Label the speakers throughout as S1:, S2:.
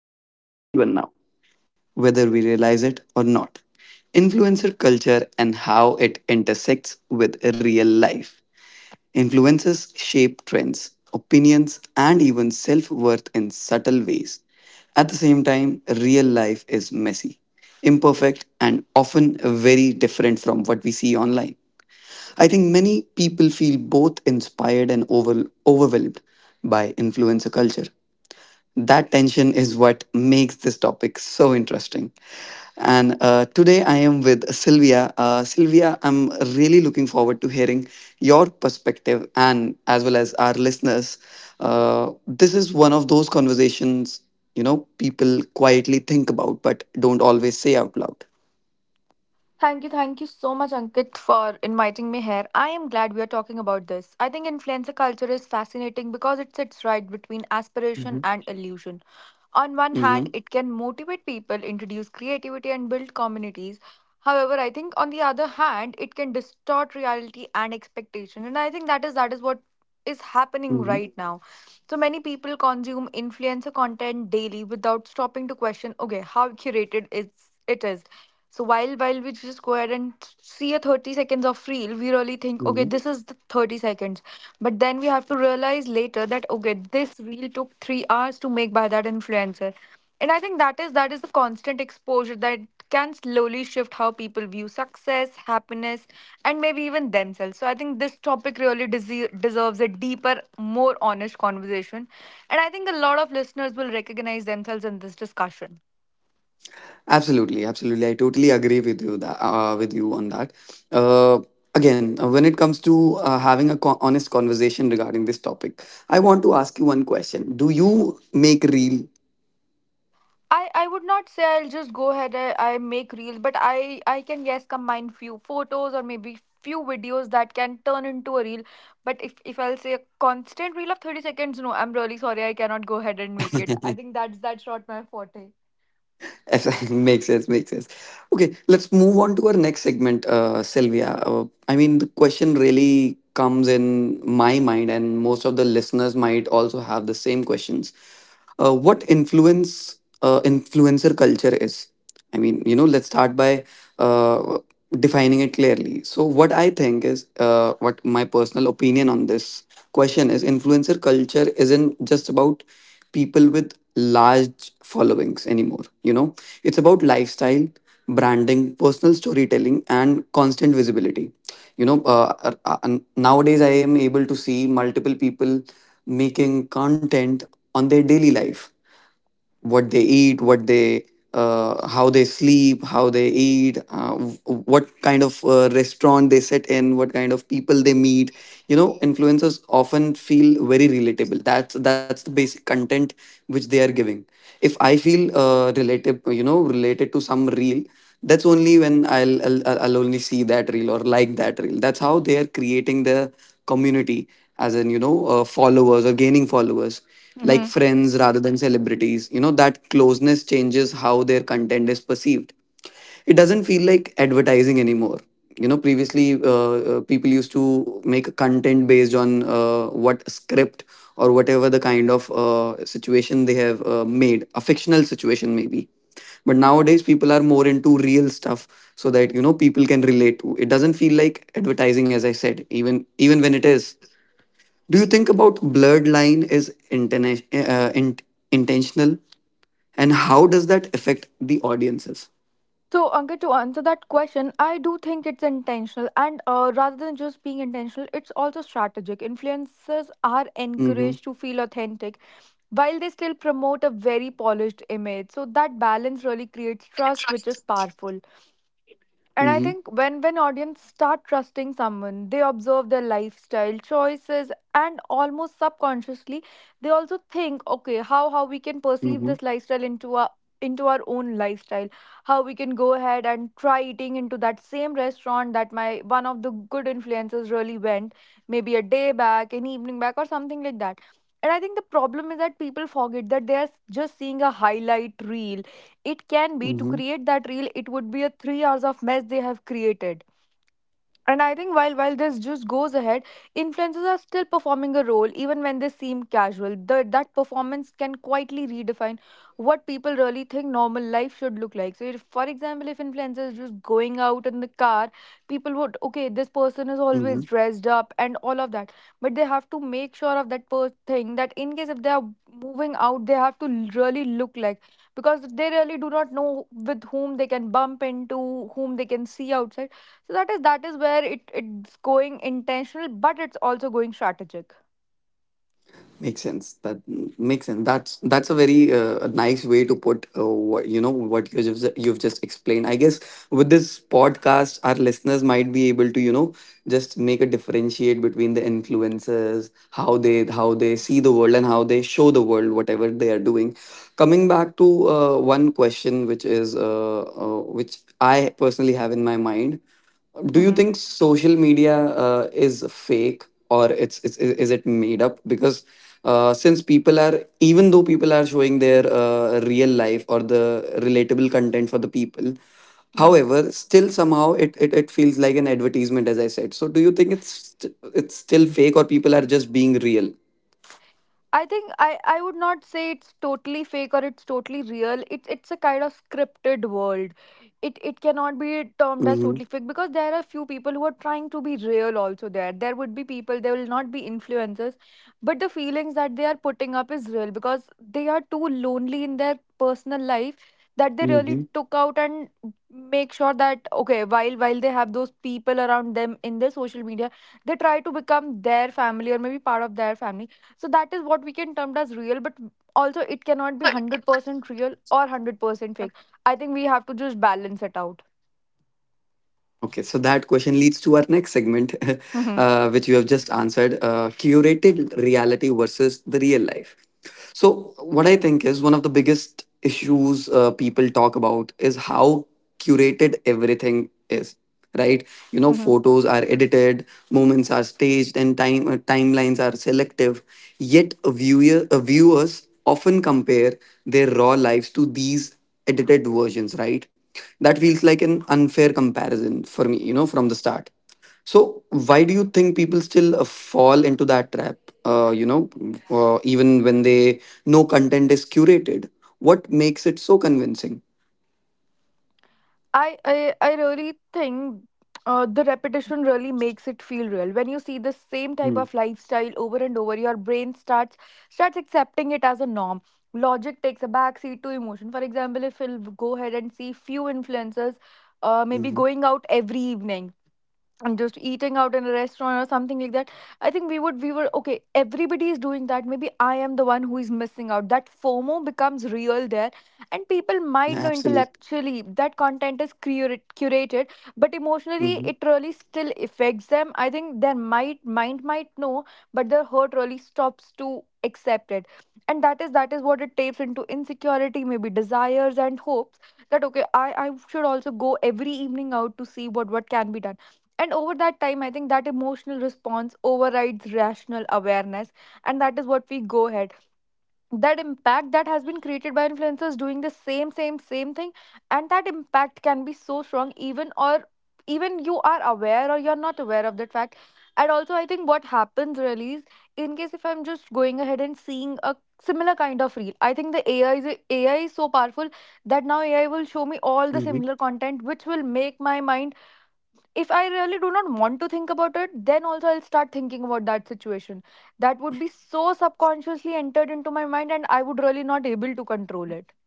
S1: almost everyone now, whether we realize it or not. Influencer culture and how it intersects with real life. Influencers shape trends, opinions, and even self worth in subtle ways. At the same time, real life is messy, imperfect, and often very different from what we see online. I think many people feel both inspired and overwhelmed by influencer culture. That tension is what makes this topic so interesting. And today I am with Sylvia. Sylvia, I'm really looking forward to hearing your perspective and as well as our listeners. This is one of those conversations, you know, people quietly think about but don't always say out loud.
S2: Thank you so much, Ankit, for inviting me here. I am glad we are talking about this. I think influencer culture is fascinating because it sits right between aspiration
S1: Mm-hmm.
S2: and illusion. On one
S1: Mm-hmm.
S2: hand, it can motivate people, introduce creativity, and build communities. However, I think on the other hand, it can distort reality and expectation. And I think that is what is happening
S1: Mm-hmm.
S2: right now. So many people consume influencer content daily without stopping to question, okay, how curated is it is. So while we just go ahead and see a 30 seconds of reel, we really think, okay, this is the 30 seconds. But then we have to realize later that okay, this reel took 3 hours to make by that influencer. And I think that is the constant exposure that can slowly shift how people view success, happiness, and maybe even themselves. So I think this topic really deserves a deeper, more honest conversation. And I think a lot of listeners will recognize themselves in this discussion.
S1: Absolutely, absolutely. I totally agree with you that with you on that. Uh, again, when it comes to having a honest conversation regarding this topic, I want to ask you one question. Do you make real?
S2: I would not say I'll just go ahead. I make reels, but I can guess combine few photos or maybe few videos that can turn into a reel. But if I'll say a constant reel of 30 seconds, no, I'm really sorry, I cannot go ahead and make it. I think that's not my forte.
S1: Makes sense, makes sense. Okay, let's move on to our next segment, Sylvia. I mean, the question really comes in my mind, and most of the listeners might also have the same questions. What influencer culture is. I mean, you know, let's start by uh, defining it clearly. So, what I think is, what my personal opinion on this question is, influencer culture isn't just about people with large followings anymore. You know, it's about lifestyle, branding, personal storytelling, and constant visibility. You know, nowadays I am able to see multiple people making content on their daily life, what they eat, what they, how they sleep, how they eat, what kind of restaurant they sit in, what kind of people they meet. You know, influencers often feel very relatable. That's the basic content which they are giving. If I feel relative you know related to some reel, that's only when I'll only see that reel or like that reel. That's how they are creating their community, as in, you know, followers or gaining followers, like friends rather than celebrities. You know, that closeness changes how their content is perceived. It doesn't feel like advertising anymore. You know, previously people used to make content based on what script or whatever the kind of situation they have made, a fictional situation maybe. But nowadays people are more into real stuff so that you know people can relate to. It doesn't feel like advertising, as I said, even when it is. Do you think about bloodline is intentional, and how does that affect the audiences?
S2: So, Ankit, to answer that question, I do think it's intentional, and rather than just being intentional, it's also strategic. Influencers are
S1: Mm-hmm.
S2: encouraged to feel authentic while they still promote a very polished image. So, that balance really creates trust, which is powerful. And I
S1: Mm-hmm.
S2: think when audience start trusting someone, they observe their lifestyle choices and almost subconsciously they also think, okay, how we can perceive
S1: Mm-hmm.
S2: this lifestyle into our own lifestyle, how we can go ahead and try eating into that same restaurant that my one of the good influencers really went, maybe a day back, an evening back, or something like that. And I think the problem is that people forget that they are just seeing a highlight reel. It can be to
S1: Mm-hmm.
S2: create that reel it would be a 3 hours of mess they have created. And I think while this just goes ahead, influencers are still performing a role even when they seem casual. That performance can quietly redefine what people really think normal life should look like. So, if, for example, if influencers just going out in the car, people would okay, this person is always
S1: Mm-hmm.
S2: dressed up and all of that, but they have to make sure of that thing that in case if they are moving out, they have to really look like, because they really do not know with whom they can bump into, whom they can see outside. So that is where it's going intentional, but it's also going strategic.
S1: Makes sense. That makes sense. That's a very a nice way to put what you know what you've just explained. I guess with this podcast, our listeners might be able to you know just make a differentiate between the influences, how they see the world and how they show the world whatever they are doing. Coming back to one question, which is which I personally have in my mind. Do you
S2: Mm-hmm.
S1: think social media is fake or it's is it made up? Because since people are even though people are showing their real life or the relatable content for the people, however, still somehow it feels like an advertisement, as I said. So do you think it's still fake or people are just being real?
S2: I think I would not say it's totally fake or it's totally real. It's a kind of scripted world. It cannot be termed as totally fake because there are few people who are trying to be real also there. There would be people, there will not be influencers, but the feelings that they are putting up is real because they are too lonely in their personal life that they really
S1: Mm-hmm.
S2: took out and make sure that okay, while they have those people around them in their social media, they try to become their family or maybe part of their family. So that is what we can term as real, but also it cannot be 100% real or 100% fake. I think we have to just balance it out.
S1: Okay, so that question leads to our next segment,
S2: Hmm.
S1: which you have just answered, curated reality versus the real life. So, what I think is one of the biggest issues people talk about is how curated everything is, right? You know,
S2: Hmm.
S1: photos are edited, moments are staged, and timelines are selective. Yet, viewers often compare their raw lives to these edited versions, right? That feels like an unfair comparison for me, you know, from the start. So, why do you think people still fall into that trap, uh, you know, even when they know content is curated? What makes it so convincing?
S2: I really think the repetition really makes it feel real. When you see the same type of lifestyle over and over, your brain starts accepting it as a norm. Logic takes a backseat to emotion. For example, if we'll go ahead and see few influencers maybe
S1: Mm-hmm.
S2: going out every evening and just eating out in a restaurant or something like that, I think we were okay, everybody is doing that, maybe I am the one who is missing out. That fomo becomes real there. And people might know
S1: Absolutely.
S2: intellectually that content is curated, but emotionally
S1: Mm-hmm.
S2: it really still affects them. I think their might mind might know, but their heart really stops to accept it. And that is what it tapes into: insecurity, maybe desires and hopes that okay, I should also go every evening out to see what can be done. And over that time I think that emotional response overrides rational awareness. And that is what we go ahead, that impact that has been created by influencers doing the same thing. And that impact can be so strong, even or even you are aware or you're not aware of that fact. And also I think what happens really is, in case if I'm just going ahead and seeing a similar kind of reel, I think the AI is so powerful that now AI will show me all the similar content, which will make my mind. If I really do not want to think about it, then also I'll start thinking about that situation. That would be so subconsciously entered into my mind, and I would really not able to control it.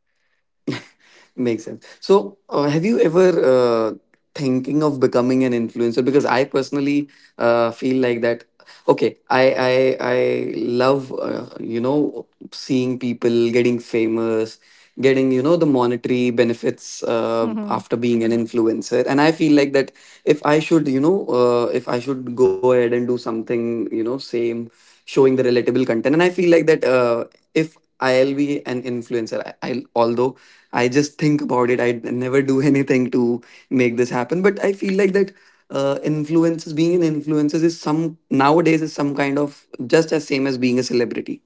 S1: Makes sense. So, have you ever thinking of becoming an influencer? Because I personally feel like that. Okay, I love you know seeing people getting famous, getting you know the monetary benefits
S2: Mhm.
S1: after being an influencer, and I feel like that if I should you know if I should go ahead and do something you know same, showing the relatable content. And I feel like that if I'll be an influencer, I'll although I just think about it, I never do anything to make this happen. But I feel like that being an influencer is some nowadays is some kind of just as same as being a celebrity.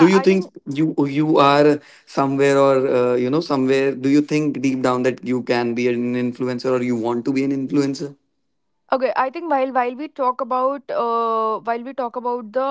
S1: Do you
S2: I
S1: think
S2: think.
S1: you are somewhere or you know somewhere? Do you think deep down that you can be an influencer or you want to be an influencer?
S2: Okay, I think while we talk about while we talk about the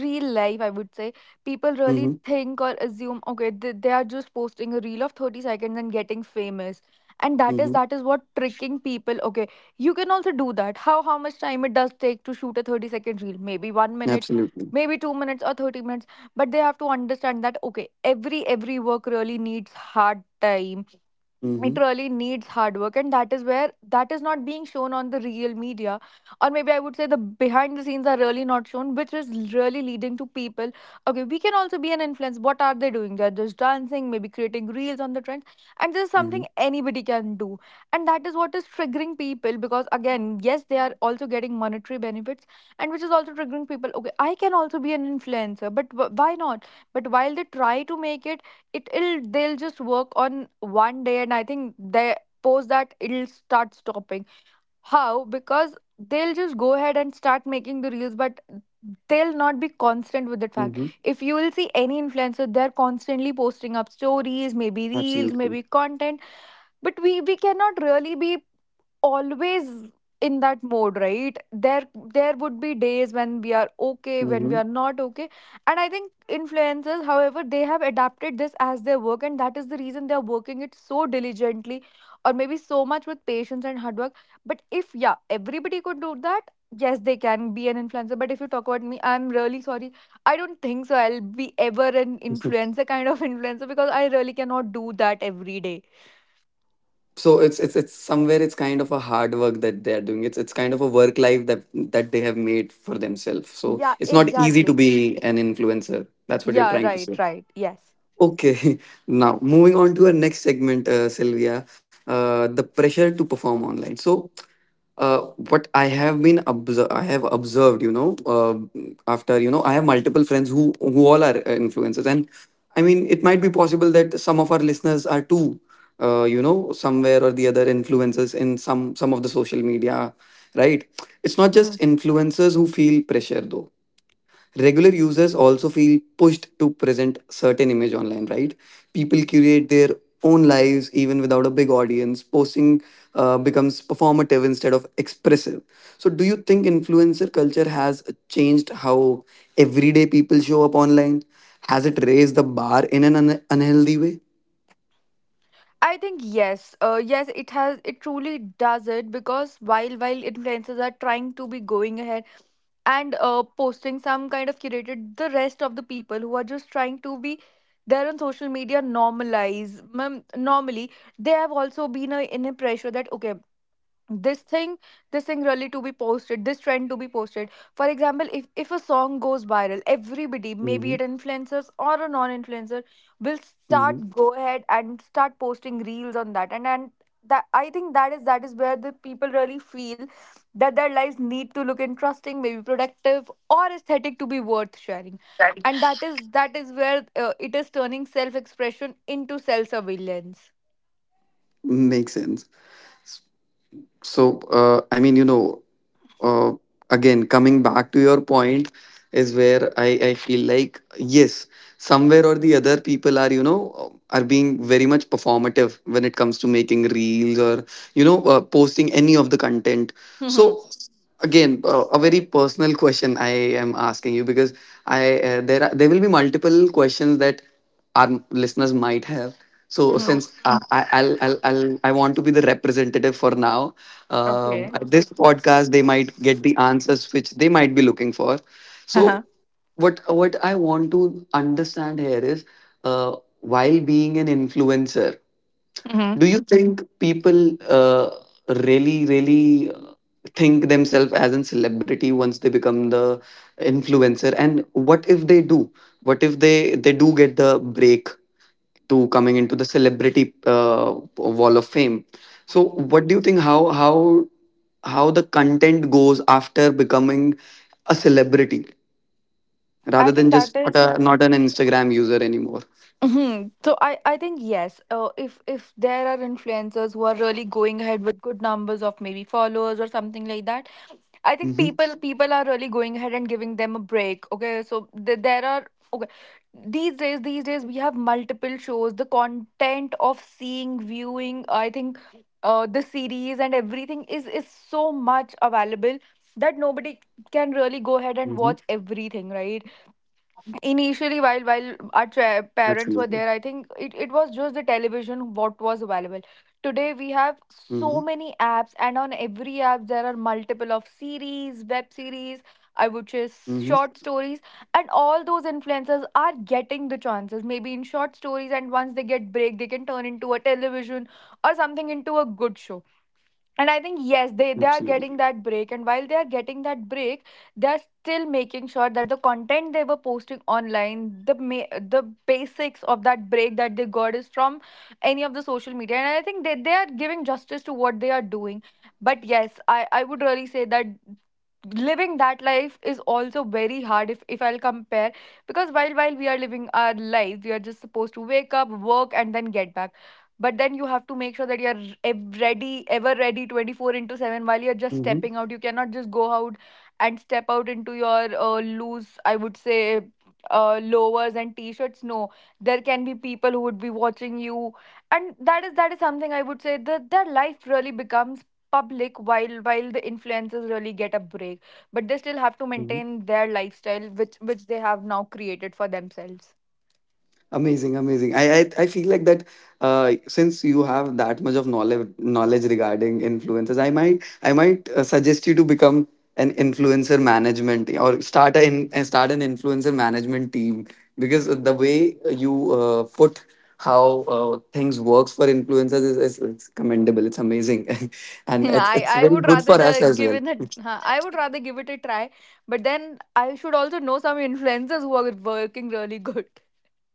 S2: real life, I would say people really
S1: Mm-hmm.
S2: think or assume okay they are just posting a reel of 30 seconds and getting famous. And that is
S1: Mm-hmm.
S2: that is what tricking people. Okay, you can also do that. How much time it does take to shoot a 30-second reel? Maybe 1 minute,
S1: Absolutely.
S2: maybe 2 minutes or 30 minutes. But they have to understand that okay, every work really needs hard time,
S1: Mm-hmm.
S2: it really needs hard work, and that is where that is not being shown on the real media. Or maybe I would say the behind the scenes are really not shown, which is really leading to people, okay, we can also be an influence. What are they doing? They're just dancing, maybe creating reels on the trends, and this is
S1: Mm-hmm.
S2: something anybody can do. And that is what is triggering people, because again, yes, they are also getting monetary benefits, and which is also triggering people, okay, I can also be an influencer, but why not. But while they try to make it, it will they'll just work on one day, and I think they post that, it'll start stopping. How? Because they'll just go ahead and start making the reels, but they'll not be constant with the fact.
S1: Mm-hmm.
S2: If you will see any influencer, they're constantly posting up stories, maybe reels,
S1: Absolutely.
S2: maybe content. But we cannot really be always in that mode, right there. There would be days when we are okay, when
S1: Hmm.
S2: we are not okay. And I think influencers, however, they have adapted this as their work, and that is the reason they are working it so diligently, or maybe so much with patience and hard work. But if yeah, everybody could do that, yes, they can be an influencer. But if you talk about me, I'm really sorry, I don't think so I'll be ever an influencer kind of influencer, because I really cannot do that every day.
S1: So it's somewhere it's kind of a hard work that they are doing. It's kind of a work life that that they have made for themselves. So
S2: Yeah,
S1: it's not easy to
S2: exactly.
S1: be an influencer. That's what you're
S2: Yeah,
S1: trying to say.
S2: right, right. Yes.
S1: Okay, now moving on to our next segment, Sylvia, the pressure to perform online. So, what I have been observed, I have observed, you know, after you know, I have multiple friends who all are influencers, and I mean, it might be possible that some of our listeners are too, you know, somewhere or the other influencers in some of the social media, right? It's not
S2: Hmm.
S1: just influencers who feel pressure though, regular users also feel pushed to present certain image online, right? People curate their own lives even without a big audience. Posting becomes performative instead of expressive. So do you think influencer culture has changed how everyday people show up online? Has it raised the bar in an unhealthy way?
S2: I think yes. Yes, it has, it truly does it, because while influencers are trying to be going ahead and posting some kind of curated, the rest of the people who are just trying to be there on social media normalize, normally, they have also been in a pressure that okay, this thing this thing really to be posted, this trend to be posted. For example, if a song goes viral, everybody, maybe
S1: Hmm.
S2: it influencers or a non-influencer, will
S1: Hmm.
S2: start go ahead and start posting reels on that. And that, I think that is where the people really feel that their lives need to look interesting, maybe productive or aesthetic to be worth sharing. And that is where it is turning self expression into self surveillance.
S1: Makes sense. So, I mean, you know, uh, coming back to your point is where I feel like, yes, somewhere or the other, people are, you know, are being very much performative when it comes to making reels or, you know, posting any of the content.
S2: Mm-hmm.
S1: So, again a very personal question I am asking you because I there are there will be multiple questions that our listeners might have. So
S2: Mm.
S1: since I, I'll I want to be the representative for now
S2: Uh
S1: at this podcast. They might get the answers which they might be looking for.
S2: huh.
S1: So what I want to understand here is, uh, while being an influencer, do you think people really think themselves as a celebrity once they become the influencer? And what if they do? What if they do get the break to coming into the celebrity wall of fame? So what do you think? How the content goes after becoming a celebrity
S2: I
S1: rather than
S2: think that
S1: just not
S2: is-
S1: a not an Instagram user anymore.
S2: Mhm. So I think yes. If there are influencers who are really going ahead with good numbers of maybe followers or something like that, I think
S1: Mm-hmm.
S2: people are really going ahead and giving them a break. Okay, so there are, okay, these days we have multiple shows. The content of seeing, viewing, I think, the series and everything is so much available that nobody can really go ahead
S1: Mm-hmm.
S2: and watch everything, right? Initially, while parents were
S1: Absolutely.
S2: there, I think it was just the television what was available. Today we have
S1: Mm-hmm.
S2: so many apps, and on every app there are multiple of series, web series, I would say,
S1: Mm-hmm.
S2: short stories. And all those influencers are getting the chances maybe in short stories, and once they get break, they can turn into a television or something into a good show. And I think yes, they are
S1: Absolutely.
S2: getting that break. And while they are getting that break, they are still making sure that the content they were posting online, the basics of that break that they got is from any of the social media. And I think they are giving justice to what they are doing. But yes, I would really say that living that life is also very hard if I'll compare. Because while we are living our lives, we are just supposed to wake up, work, and then get back. But then you have to make sure that you're ev- ready ever ready 24 into 7 while you're just
S1: Mm-hmm.
S2: stepping out. You cannot just go out and step out into your loose, I would say, lowers and t-shirts. No, there can be people who would be watching you. And that is something, I would say, that their life really becomes public while the influencers really get a break, but they still have to maintain their lifestyle which they have now created for themselves.
S1: Amazing, amazing. I feel like that since you have that much of knowledge knowledge regarding influencers, I might suggest you to become an influencer management or start start an influencer management team, because the way you put how things works for influencers is commendable. It's amazing, and it's
S2: I
S1: very
S2: would
S1: good for
S2: rather
S1: us
S2: just
S1: as
S2: give
S1: well.
S2: it a, I would rather give it a try, but then I should also know some influencers who are working really good.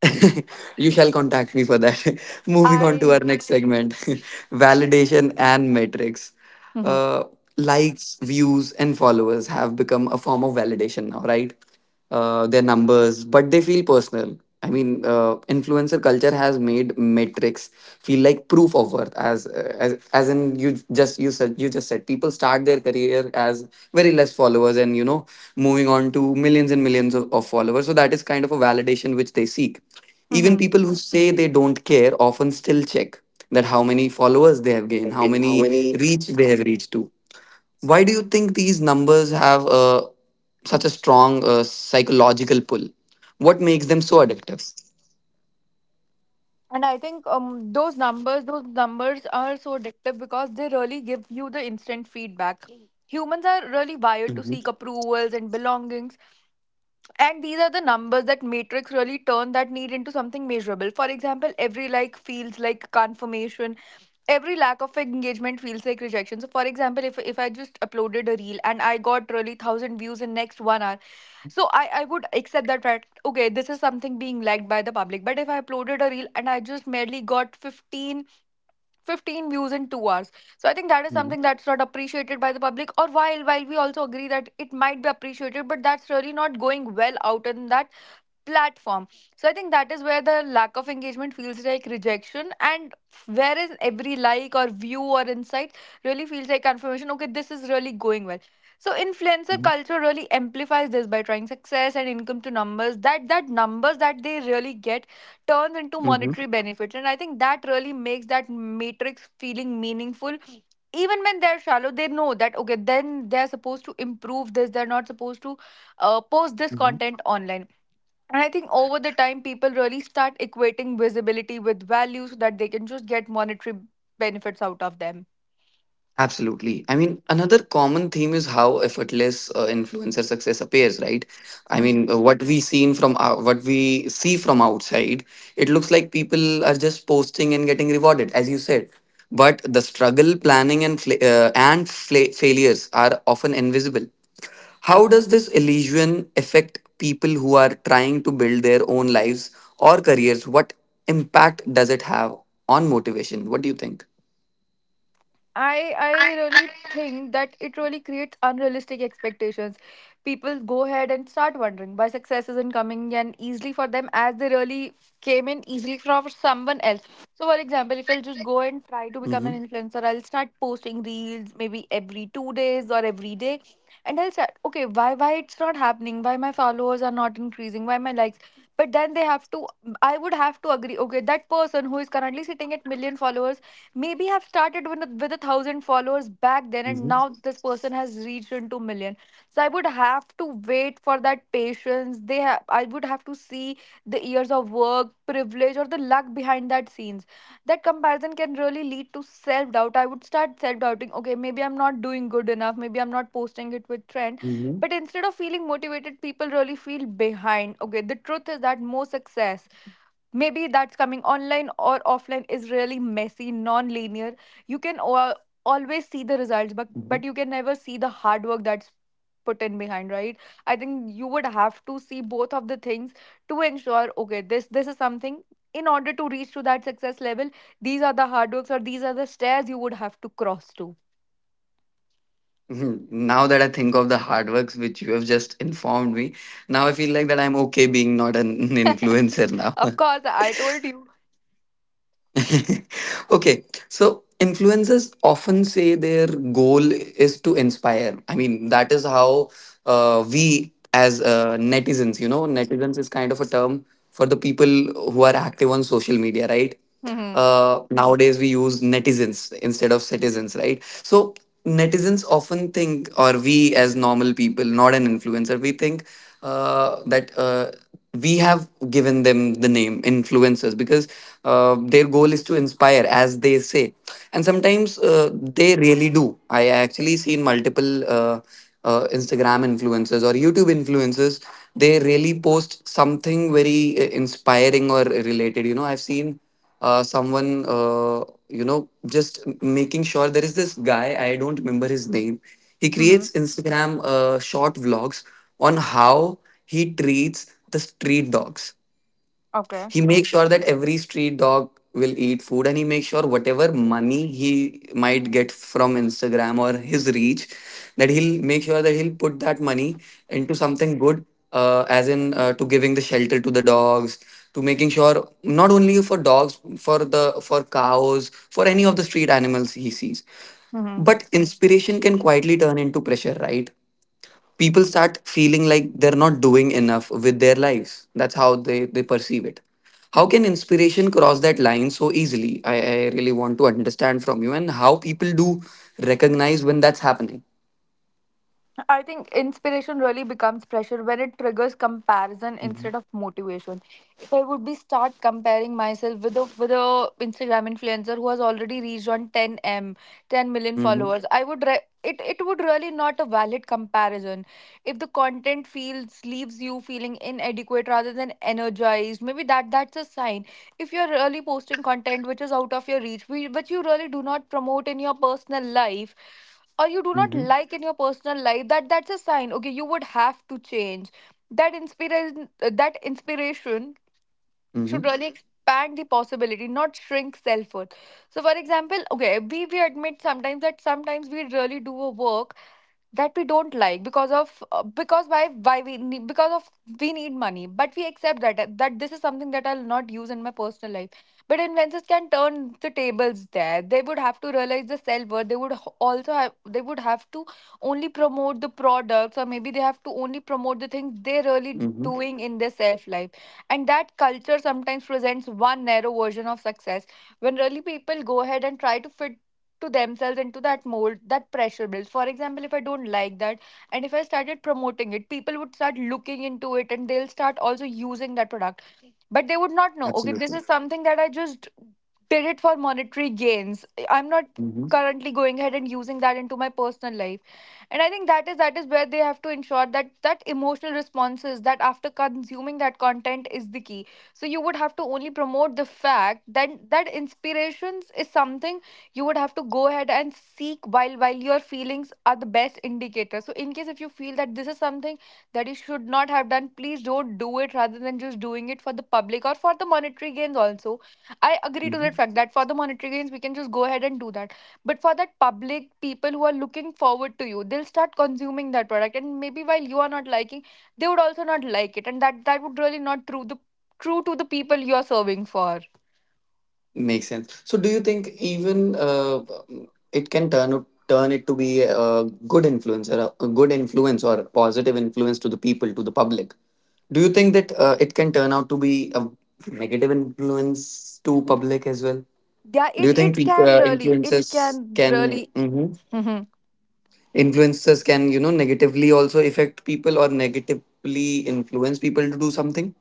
S1: You shall contact me for that. Moving on to
S2: I
S1: our next segment validation and metrics.
S2: Mhm,
S1: Uh, likes, views, and followers have become a form of validation now, right? They're numbers, but they feel personal. I mean, influencer culture has made metrics feel like proof of worth, as as in you just, you said, you just said people start their career as very less followers and you know moving on to millions and millions of followers, so that is kind of a validation which they seek. Even
S2: mhm.
S1: people who say they don't care often still check that how many followers they have gained, how
S2: Again, how
S1: many
S2: many?
S1: reach they have reached to. Why do you think these numbers have such a strong psychological pull? What makes them so addictive?
S2: And I think, those numbers are so addictive because they really give you the instant feedback. Humans are really wired to
S1: Hmm.
S2: seek approvals and belongings, and these are the numbers that matrix really turn that need into something measurable. For example, every like feels like confirmation, every lack of engagement feels like rejection. So for example, if I just uploaded a reel and I got really 1,000 views in next 1 hour, so I would accept that fact, okay, this is something being liked by the public. But if I uploaded a reel and I just merely got fifteen views in 2 hours, so I think that is something that's not appreciated by the public. Or while we also agree that it might be appreciated, but that's really not going well out in that platform. So I think that is where the lack of engagement feels like rejection, and whereas every like or view or insight really feels like confirmation. Okay, this is really going well. So influencer culture really amplifies this by trying success and income to numbers. That numbers that they really get turns into
S1: Hmm.
S2: monetary benefits, and I think that really makes that matrix feeling meaningful. Even when they're shallow, they know that okay, then they're supposed to improve this. They're not supposed to post this content online. And I think over the time, people really start equating visibility with value so that they can just get monetary benefits out of them.
S1: Absolutely. I mean, another common theme is how effortless influencer success appears, right? I
S2: Mm-hmm.
S1: mean, what we see from outside, it looks like people are just posting and getting rewarded, as you said. But the struggle, planning, and failures are often invisible. How does this illusion affect people who are trying to build their own lives or careers? What impact does it have on motivation? What do you think?
S2: I really think that it really creates unrealistic expectations. People go ahead and start wondering why success isn't coming and easily for them as they really came in easily from someone else. So for example, if I'll just go and try to become
S1: Mm-hmm.
S2: an influencer, I'll start posting reels maybe every 2 days or every day. And I'll start, okay, why it's not happening? Why my followers are not increasing? Why my likes? But then they have to I would have to agree, okay, that person who is currently sitting at million followers maybe have started with a thousand followers back then, and now this person has reached into million. So I would have to wait for that patience they have, I would have to see the years of work, privilege, or the luck behind that scenes. That comparison can really lead to self doubt. I would start self doubting, okay, maybe I'm not doing good enough, maybe I'm not posting it with trend. But instead of feeling motivated, people really feel behind. Okay, the truth is that more success, maybe that's coming online or offline, is really messy, non-linear. You can always see the results, but
S1: Mhm.
S2: but you can never see the hard work that's put in behind, right? I think you would have to see both of the things to ensure, okay, this is something, in order to reach to that success level, these are the hard works or these are the stairs you would have to cross to.
S1: Mhm. Now that I think of the hard works which you have just informed me, now I feel like that I'm okay being not an influencer now.
S2: Of course, I told you.
S1: Okay, so influencers often say their goal is to inspire. I mean, that is how we as netizens, you know, netizens is kind of a term for the people who are active on social media, right?
S2: Mm-hmm.
S1: Nowadays, we use netizens instead of citizens, right? So, netizens often think, or we as normal people, not an influencer, we think that. We have given them the name influencers because their goal is to inspire, as they say, and sometimes they really do. I actually seen multiple Instagram influencers or YouTube influencers. They really post something very inspiring or related, you know. I've seen someone, uh, you know just making sure. There is this guy, I don't remember his name. He
S2: Mm-hmm.
S1: creates Instagram short vlogs on how he treats the street dogs.
S2: Okay,
S1: He makes sure that every street dog will eat food, and he makes sure whatever money he might get from Instagram or his reach, that he'll make sure that he'll put that money into something good, as in to giving the shelter to the dogs, to making sure not only for dogs, for the for cows, for any of the street animals he sees. But inspiration can quietly turn into pressure, right? People start feeling like they're not doing enough with their lives. That's how they perceive it. How can inspiration cross that line so easily? I really want to understand from you, and how people do recognize when that's happening.
S2: I think inspiration really becomes pressure when it triggers comparison
S1: Mm-hmm.
S2: instead of motivation. If I would be start comparing myself with a Instagram influencer who has already reached on 10m, 10 million
S1: Mm-hmm.
S2: followers, I would it would really not a valid comparison. If the content feels leaves you feeling inadequate rather than energized, maybe that's a sign. If you're really posting content which is out of your reach, which you really do not promote in your personal life, or you do not
S1: Mm-hmm.
S2: like in your personal life, that's a sign. Okay, you would have to change that inspiration that inspiration should
S1: Mm-hmm.
S2: really expand the possibility, not shrink self-worth. So for example, okay, we admit sometimes that sometimes we really do a work that we don't like because of, because, why we need, because of, we need money, but we accept that this is something that I'll not use in my personal life. But influencers can turn the tables. There they would have to realize the self-worth they would also have. They would have to only promote the products, or maybe they have to only promote the things they're really
S1: Mm-hmm.
S2: doing in their self life. And that culture sometimes presents one narrow version of success. When really people go ahead and try to fit to themselves into that mold, that pressure builds. For example, if I don't like that, and if I started promoting it, people would start looking into it, and they'll start also using that product. But they would not know, okay, this
S1: Absolutely.
S2: is something that I just did it for monetary gains, I'm not
S1: Mm-hmm.
S2: currently going ahead and using that into my personal life. And I think that is where they have to ensure that that emotional responses that after consuming that content is the key. So you would have to only promote the fact that that inspirations is something you would have to go ahead and seek, while your feelings are the best indicator. So in case if you feel that this is something that you should not have done, please don't do it, rather than just doing it for the public or for the monetary gains also. I agree to that
S1: Mm-hmm.
S2: fact that for the monetary gains we can just go ahead and do that, but for that public, people who are looking forward to you, they'll start consuming that product. And maybe while you are not liking, they would also not like it. And that would really not true to the people you are serving for.
S1: Makes sense. So, do you think even it can turn it to be a good influencer, a good influence or a positive influence to the people, to the public? Do you think that it can turn out to be a negative influence to public as well?
S2: Yeah,
S1: Do
S2: it
S1: you think
S2: it
S1: people,
S2: can really, it
S1: influencers
S2: can
S1: can
S2: really.
S1: mhm. Influencers can, you know, negatively also affect people or negatively influence people to do something?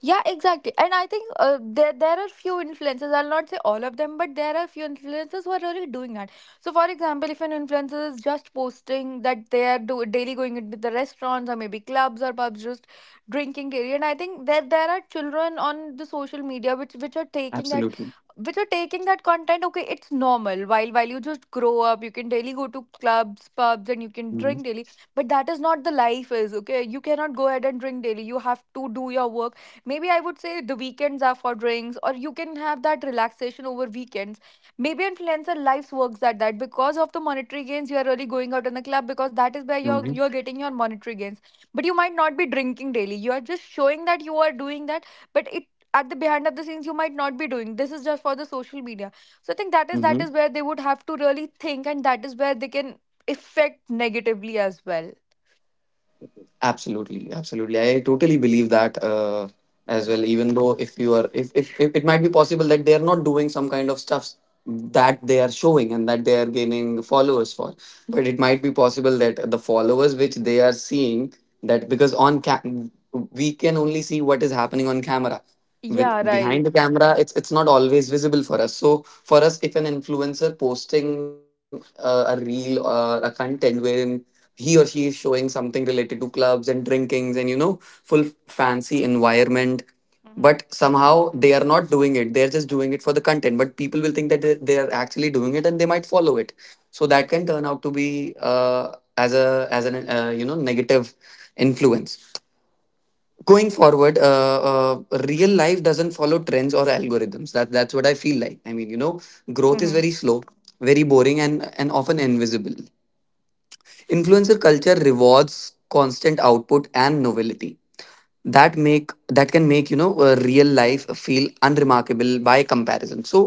S2: Yeah, exactly. And I think, there are few influencers. I'll not say all of them, but there are few influencers who are really doing that. So, for example, if an influencer is just posting that they are daily going into the restaurants or maybe clubs or pubs, just drinking daily, and I think that there are children on the social media which are taking that
S1: Absolutely.
S2: which are taking that content. Okay, it's normal. While you just grow up, you can daily go to clubs, pubs, and you can
S1: Mm-hmm.
S2: drink daily, but that is not the life is. Okay, you cannot go ahead and drink daily, you have to do your work. Maybe I would say the weekends are for drinks, or you can have that relaxation over weekends. Maybe influencer lives works at that because of the monetary gains you are really going out in the club, because that is where you're getting your monetary gains. But you might not be drinking daily. You are just showing that you are doing that, but it, at the behind of the scenes, you might not be doing. This is just for the social media. So I think that is that
S1: Mm-hmm.
S2: is where they would have to really think, and that is where they can affect negatively as well.
S1: Absolutely, absolutely. I totally believe that as well. Even though if you are, if it might be possible that they are not doing some kind of stuff that they are showing and that they are gaining followers for, but it might be possible that the followers which they are seeing, that because on cam we can only see what is happening on camera. With
S2: Yeah,
S1: behind
S2: right.
S1: the camera, it's not always visible for us. So for us, if an influencer posting a reel or a content wherein he or she is showing something related to clubs and drinkings and, you know, full fancy environment, but somehow they are not doing it, they're just doing it for the content, but people will think that they are actually doing it, and they might follow it. So that can turn out to be as a as an you know, negative influence going forward. Real life doesn't follow trends or algorithms. That's what I feel like, I mean, you know, growth is
S2: Hmm.
S1: very slow, very boring, and often invisible. Influencer culture rewards constant output and novelty. That make that can make, you know, real life feel unremarkable by comparison. So,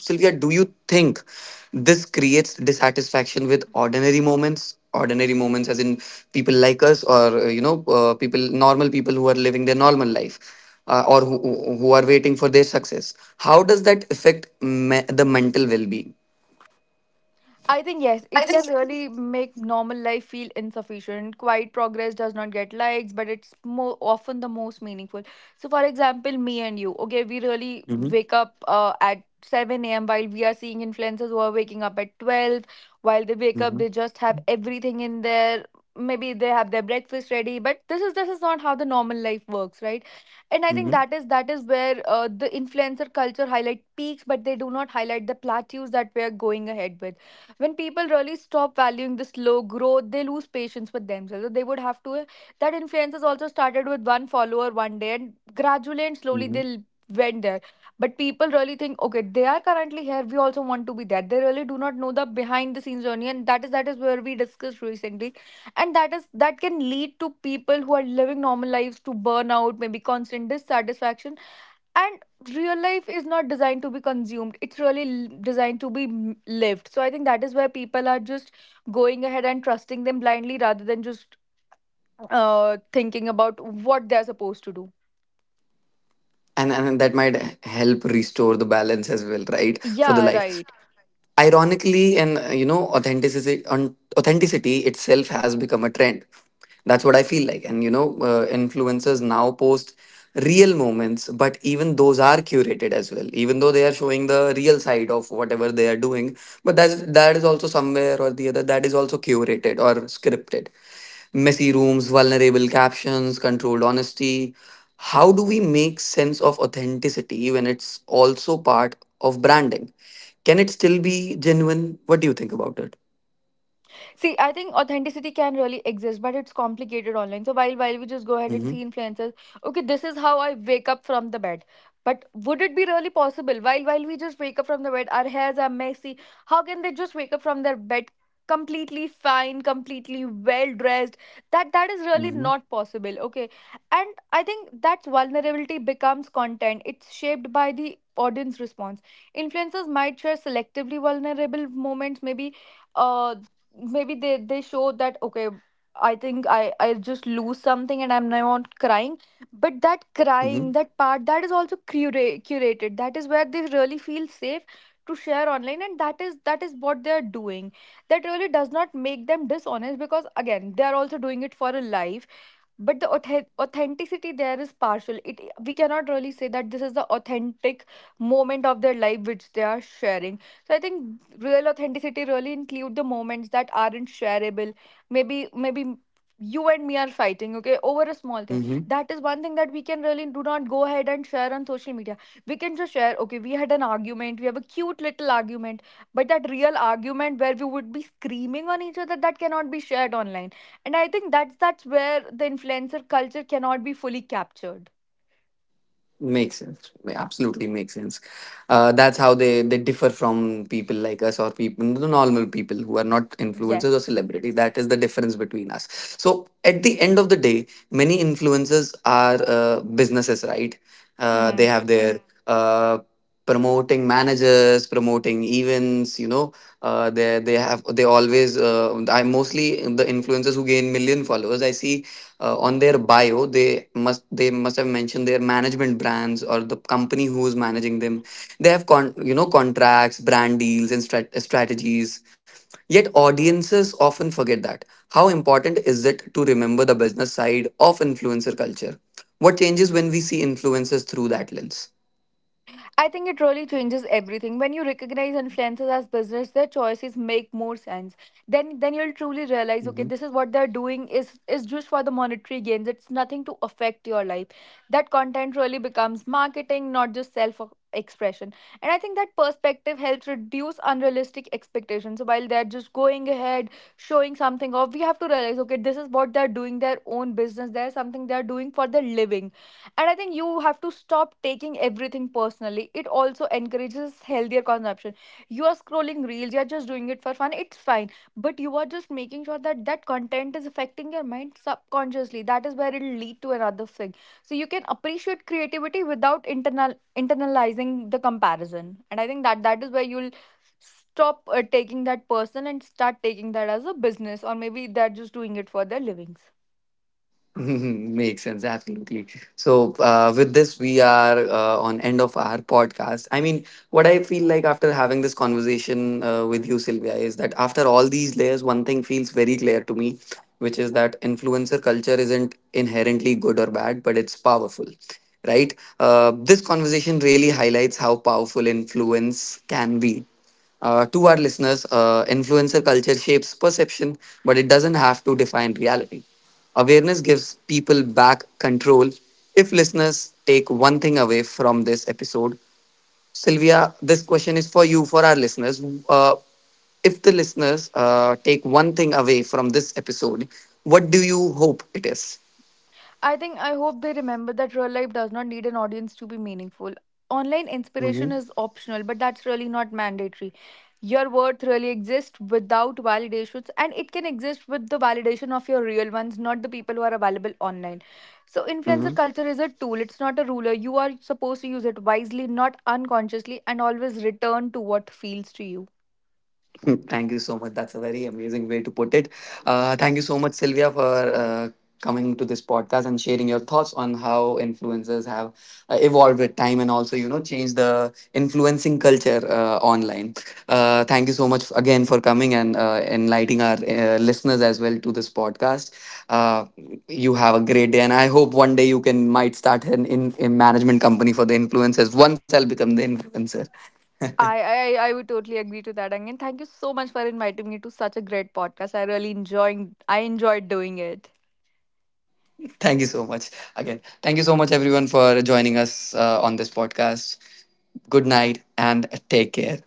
S1: Sylvia, do you think this creates dissatisfaction with ordinary moments? Ordinary moments as in people like us, or people, normal people who are living their normal life, or who are waiting for their success. How does that the mental well-being?
S2: I think yes, it can really make normal life feel insufficient. Quiet progress does not get likes, but it's more often the most meaningful. So, for example, me and you, okay, we really
S1: Hmm.
S2: wake up at 7 a.m. while we are seeing influencers who are waking up at 12. While they wake up,
S1: Hmm.
S2: they just have everything in their, maybe they have their breakfast ready, but this is not how the normal life works, right? And I think
S1: Hmm.
S2: that is where the influencer culture highlight peaks, but they do not highlight the plateaus that we are going ahead with. When people really stop valuing the slow growth, they lose patience with themselves. So they would have to, that influencers also started with one follower one day, and gradually and slowly
S1: Hmm.
S2: they went there. But people really think, okay, they are currently here, we also want to be there. They really do not know the behind the scenes journey, and that is where we discussed recently. And that is, that can lead to people who are living normal lives to burnout, maybe constant dissatisfaction. And real life is not designed to be consumed, it's really designed to be lived. So I think that is where people are just going ahead and trusting them blindly rather than just thinking about what they're supposed to do.
S1: And that might help restore the balance as well, right, for the
S2: Yeah,
S1: life?
S2: right.
S1: Ironically, and, you know, authenticity on authenticity itself has become a trend. That's what I feel like. And you know, influencers now post real moments, but even those are curated as well. Even though they are showing the real side of whatever they are doing, but that is also somewhere or the other that is also curated or scripted. Messy rooms, vulnerable captions, controlled honesty. How do we make sense of authenticity when it's also part of branding? Can it still be genuine? What do you think about it?
S2: See, I think authenticity can really exist, but it's complicated online. So while we just go ahead and
S1: Mm-hmm.
S2: see influencers, okay, this is how I wake up from the bed. But would it be really possible while we just wake up from the bed, our hairs are messy? How can they just wake up from their bed completely fine, completely well dressed? That, that is really
S1: Mm-hmm.
S2: not possible. Okay, and I think that's, vulnerability becomes content. It's shaped by the audience response. Influencers might share selectively vulnerable moments, maybe uh, maybe they show that, okay, I think I just lose something and I'm now not crying. But that
S1: Mm-hmm.
S2: crying, that part, that is also curated. That is where they really feel safe to share online, and that is what they are doing. That really does not make them dishonest, because again they are also doing it for a life. But the authenticity there is partial. It, we cannot really say that this is the authentic moment of their life which they are sharing. So I think real authenticity really include the moments that aren't shareable. Maybe, maybe you and me are fighting, okay, over a small thing.
S1: Mm-hmm.
S2: That is one thing that we can really do not go ahead and share on social media. We can just share, okay, we had an argument, we have a cute little argument. But that real argument where we would be screaming on each other, that cannot be shared online. And I think that's where the influencer culture cannot be fully captured.
S1: Makes sense. Absolutely makes sense. That's how they differ from people like us, or people, the normal people who are not influencers or
S2: Yes.
S1: celebrity. That is the difference between us. So at the end of the day, many influencers are businesses, right? They have their uh, promoting managers, promoting events, you know. They have they always, I mostly, the influencers who gain million followers, I see on their bio, they must have mentioned their management brands or the company who is managing them. They have you know, contracts, brand deals, and strategies. Yet audiences often forget that. How important is it to remember the business side of influencer culture? What changes when we see influencers through that lens?
S2: I think it really changes everything. When you recognize influencers as business, their choices make more sense. Then you'll truly realize, okay, this is what they're doing is just for the monetary gains. It's nothing to affect your life. That content really becomes marketing, not just self expression. And I think that perspective helps reduce unrealistic expectations. So while they're just going ahead, showing something off, we have to realize, okay, this is what they're doing, their own business. There's something they're doing for their living, and I think you have to stop taking everything personally. It also encourages healthier consumption. You are scrolling reels, you're just doing it for fun, it's fine. But you are just making sure that that content is affecting your mind subconsciously. That is where it'll lead to another thing. So you can appreciate creativity without internalizing the comparison. And I think that that is where you'll stop taking that person and start taking that as a business, or maybe they're just doing it for their livings.
S1: Makes sense, absolutely. So, with this, we are on end of our podcast. I mean, what I feel like after having this conversation with you, Sylvia, is that after all these layers, one thing feels very clear to me, which is that influencer culture isn't inherently good or bad, but it's powerful, right? This conversation really highlights how powerful influence can be. To our listeners, influencer culture shapes perception, but it doesn't have to define reality. Awareness gives people back control. If listeners take one thing away from this episode, Sylvia, this question is for you, for our listeners. Uh, if the listeners take one thing away from this episode, what do you hope it is?
S2: I think I hope they remember that real life does not need an audience to be meaningful. Online inspiration
S1: Mm-hmm.
S2: is optional, but that's really not mandatory. Your worth really exists without validations, and it can exist with the validation of your real ones, not the people who are available online. So, influencer culture is a tool, it's not a ruler. You are supposed to use it wisely, not unconsciously, and always return to what feels to you.
S1: Thank you so much. That's a very amazing way to put it. Thank you so much, Sylvia, for uh, coming to this podcast and sharing your thoughts on how influencers have evolved with time, and also, you know, changed the influencing culture online. Thank you so much again for coming and enlightening our listeners as well to this podcast. Uh, you have a great day, and I hope one day you can might start an in management company for the influencers. Once I'll become the influencer.
S2: I would totally agree to that. Again, thank you so much for inviting me to such a great podcast. I really enjoying I enjoyed doing it.
S1: Thank you so much. Again, thank you so much, everyone, for joining us on this podcast. Good night and take care.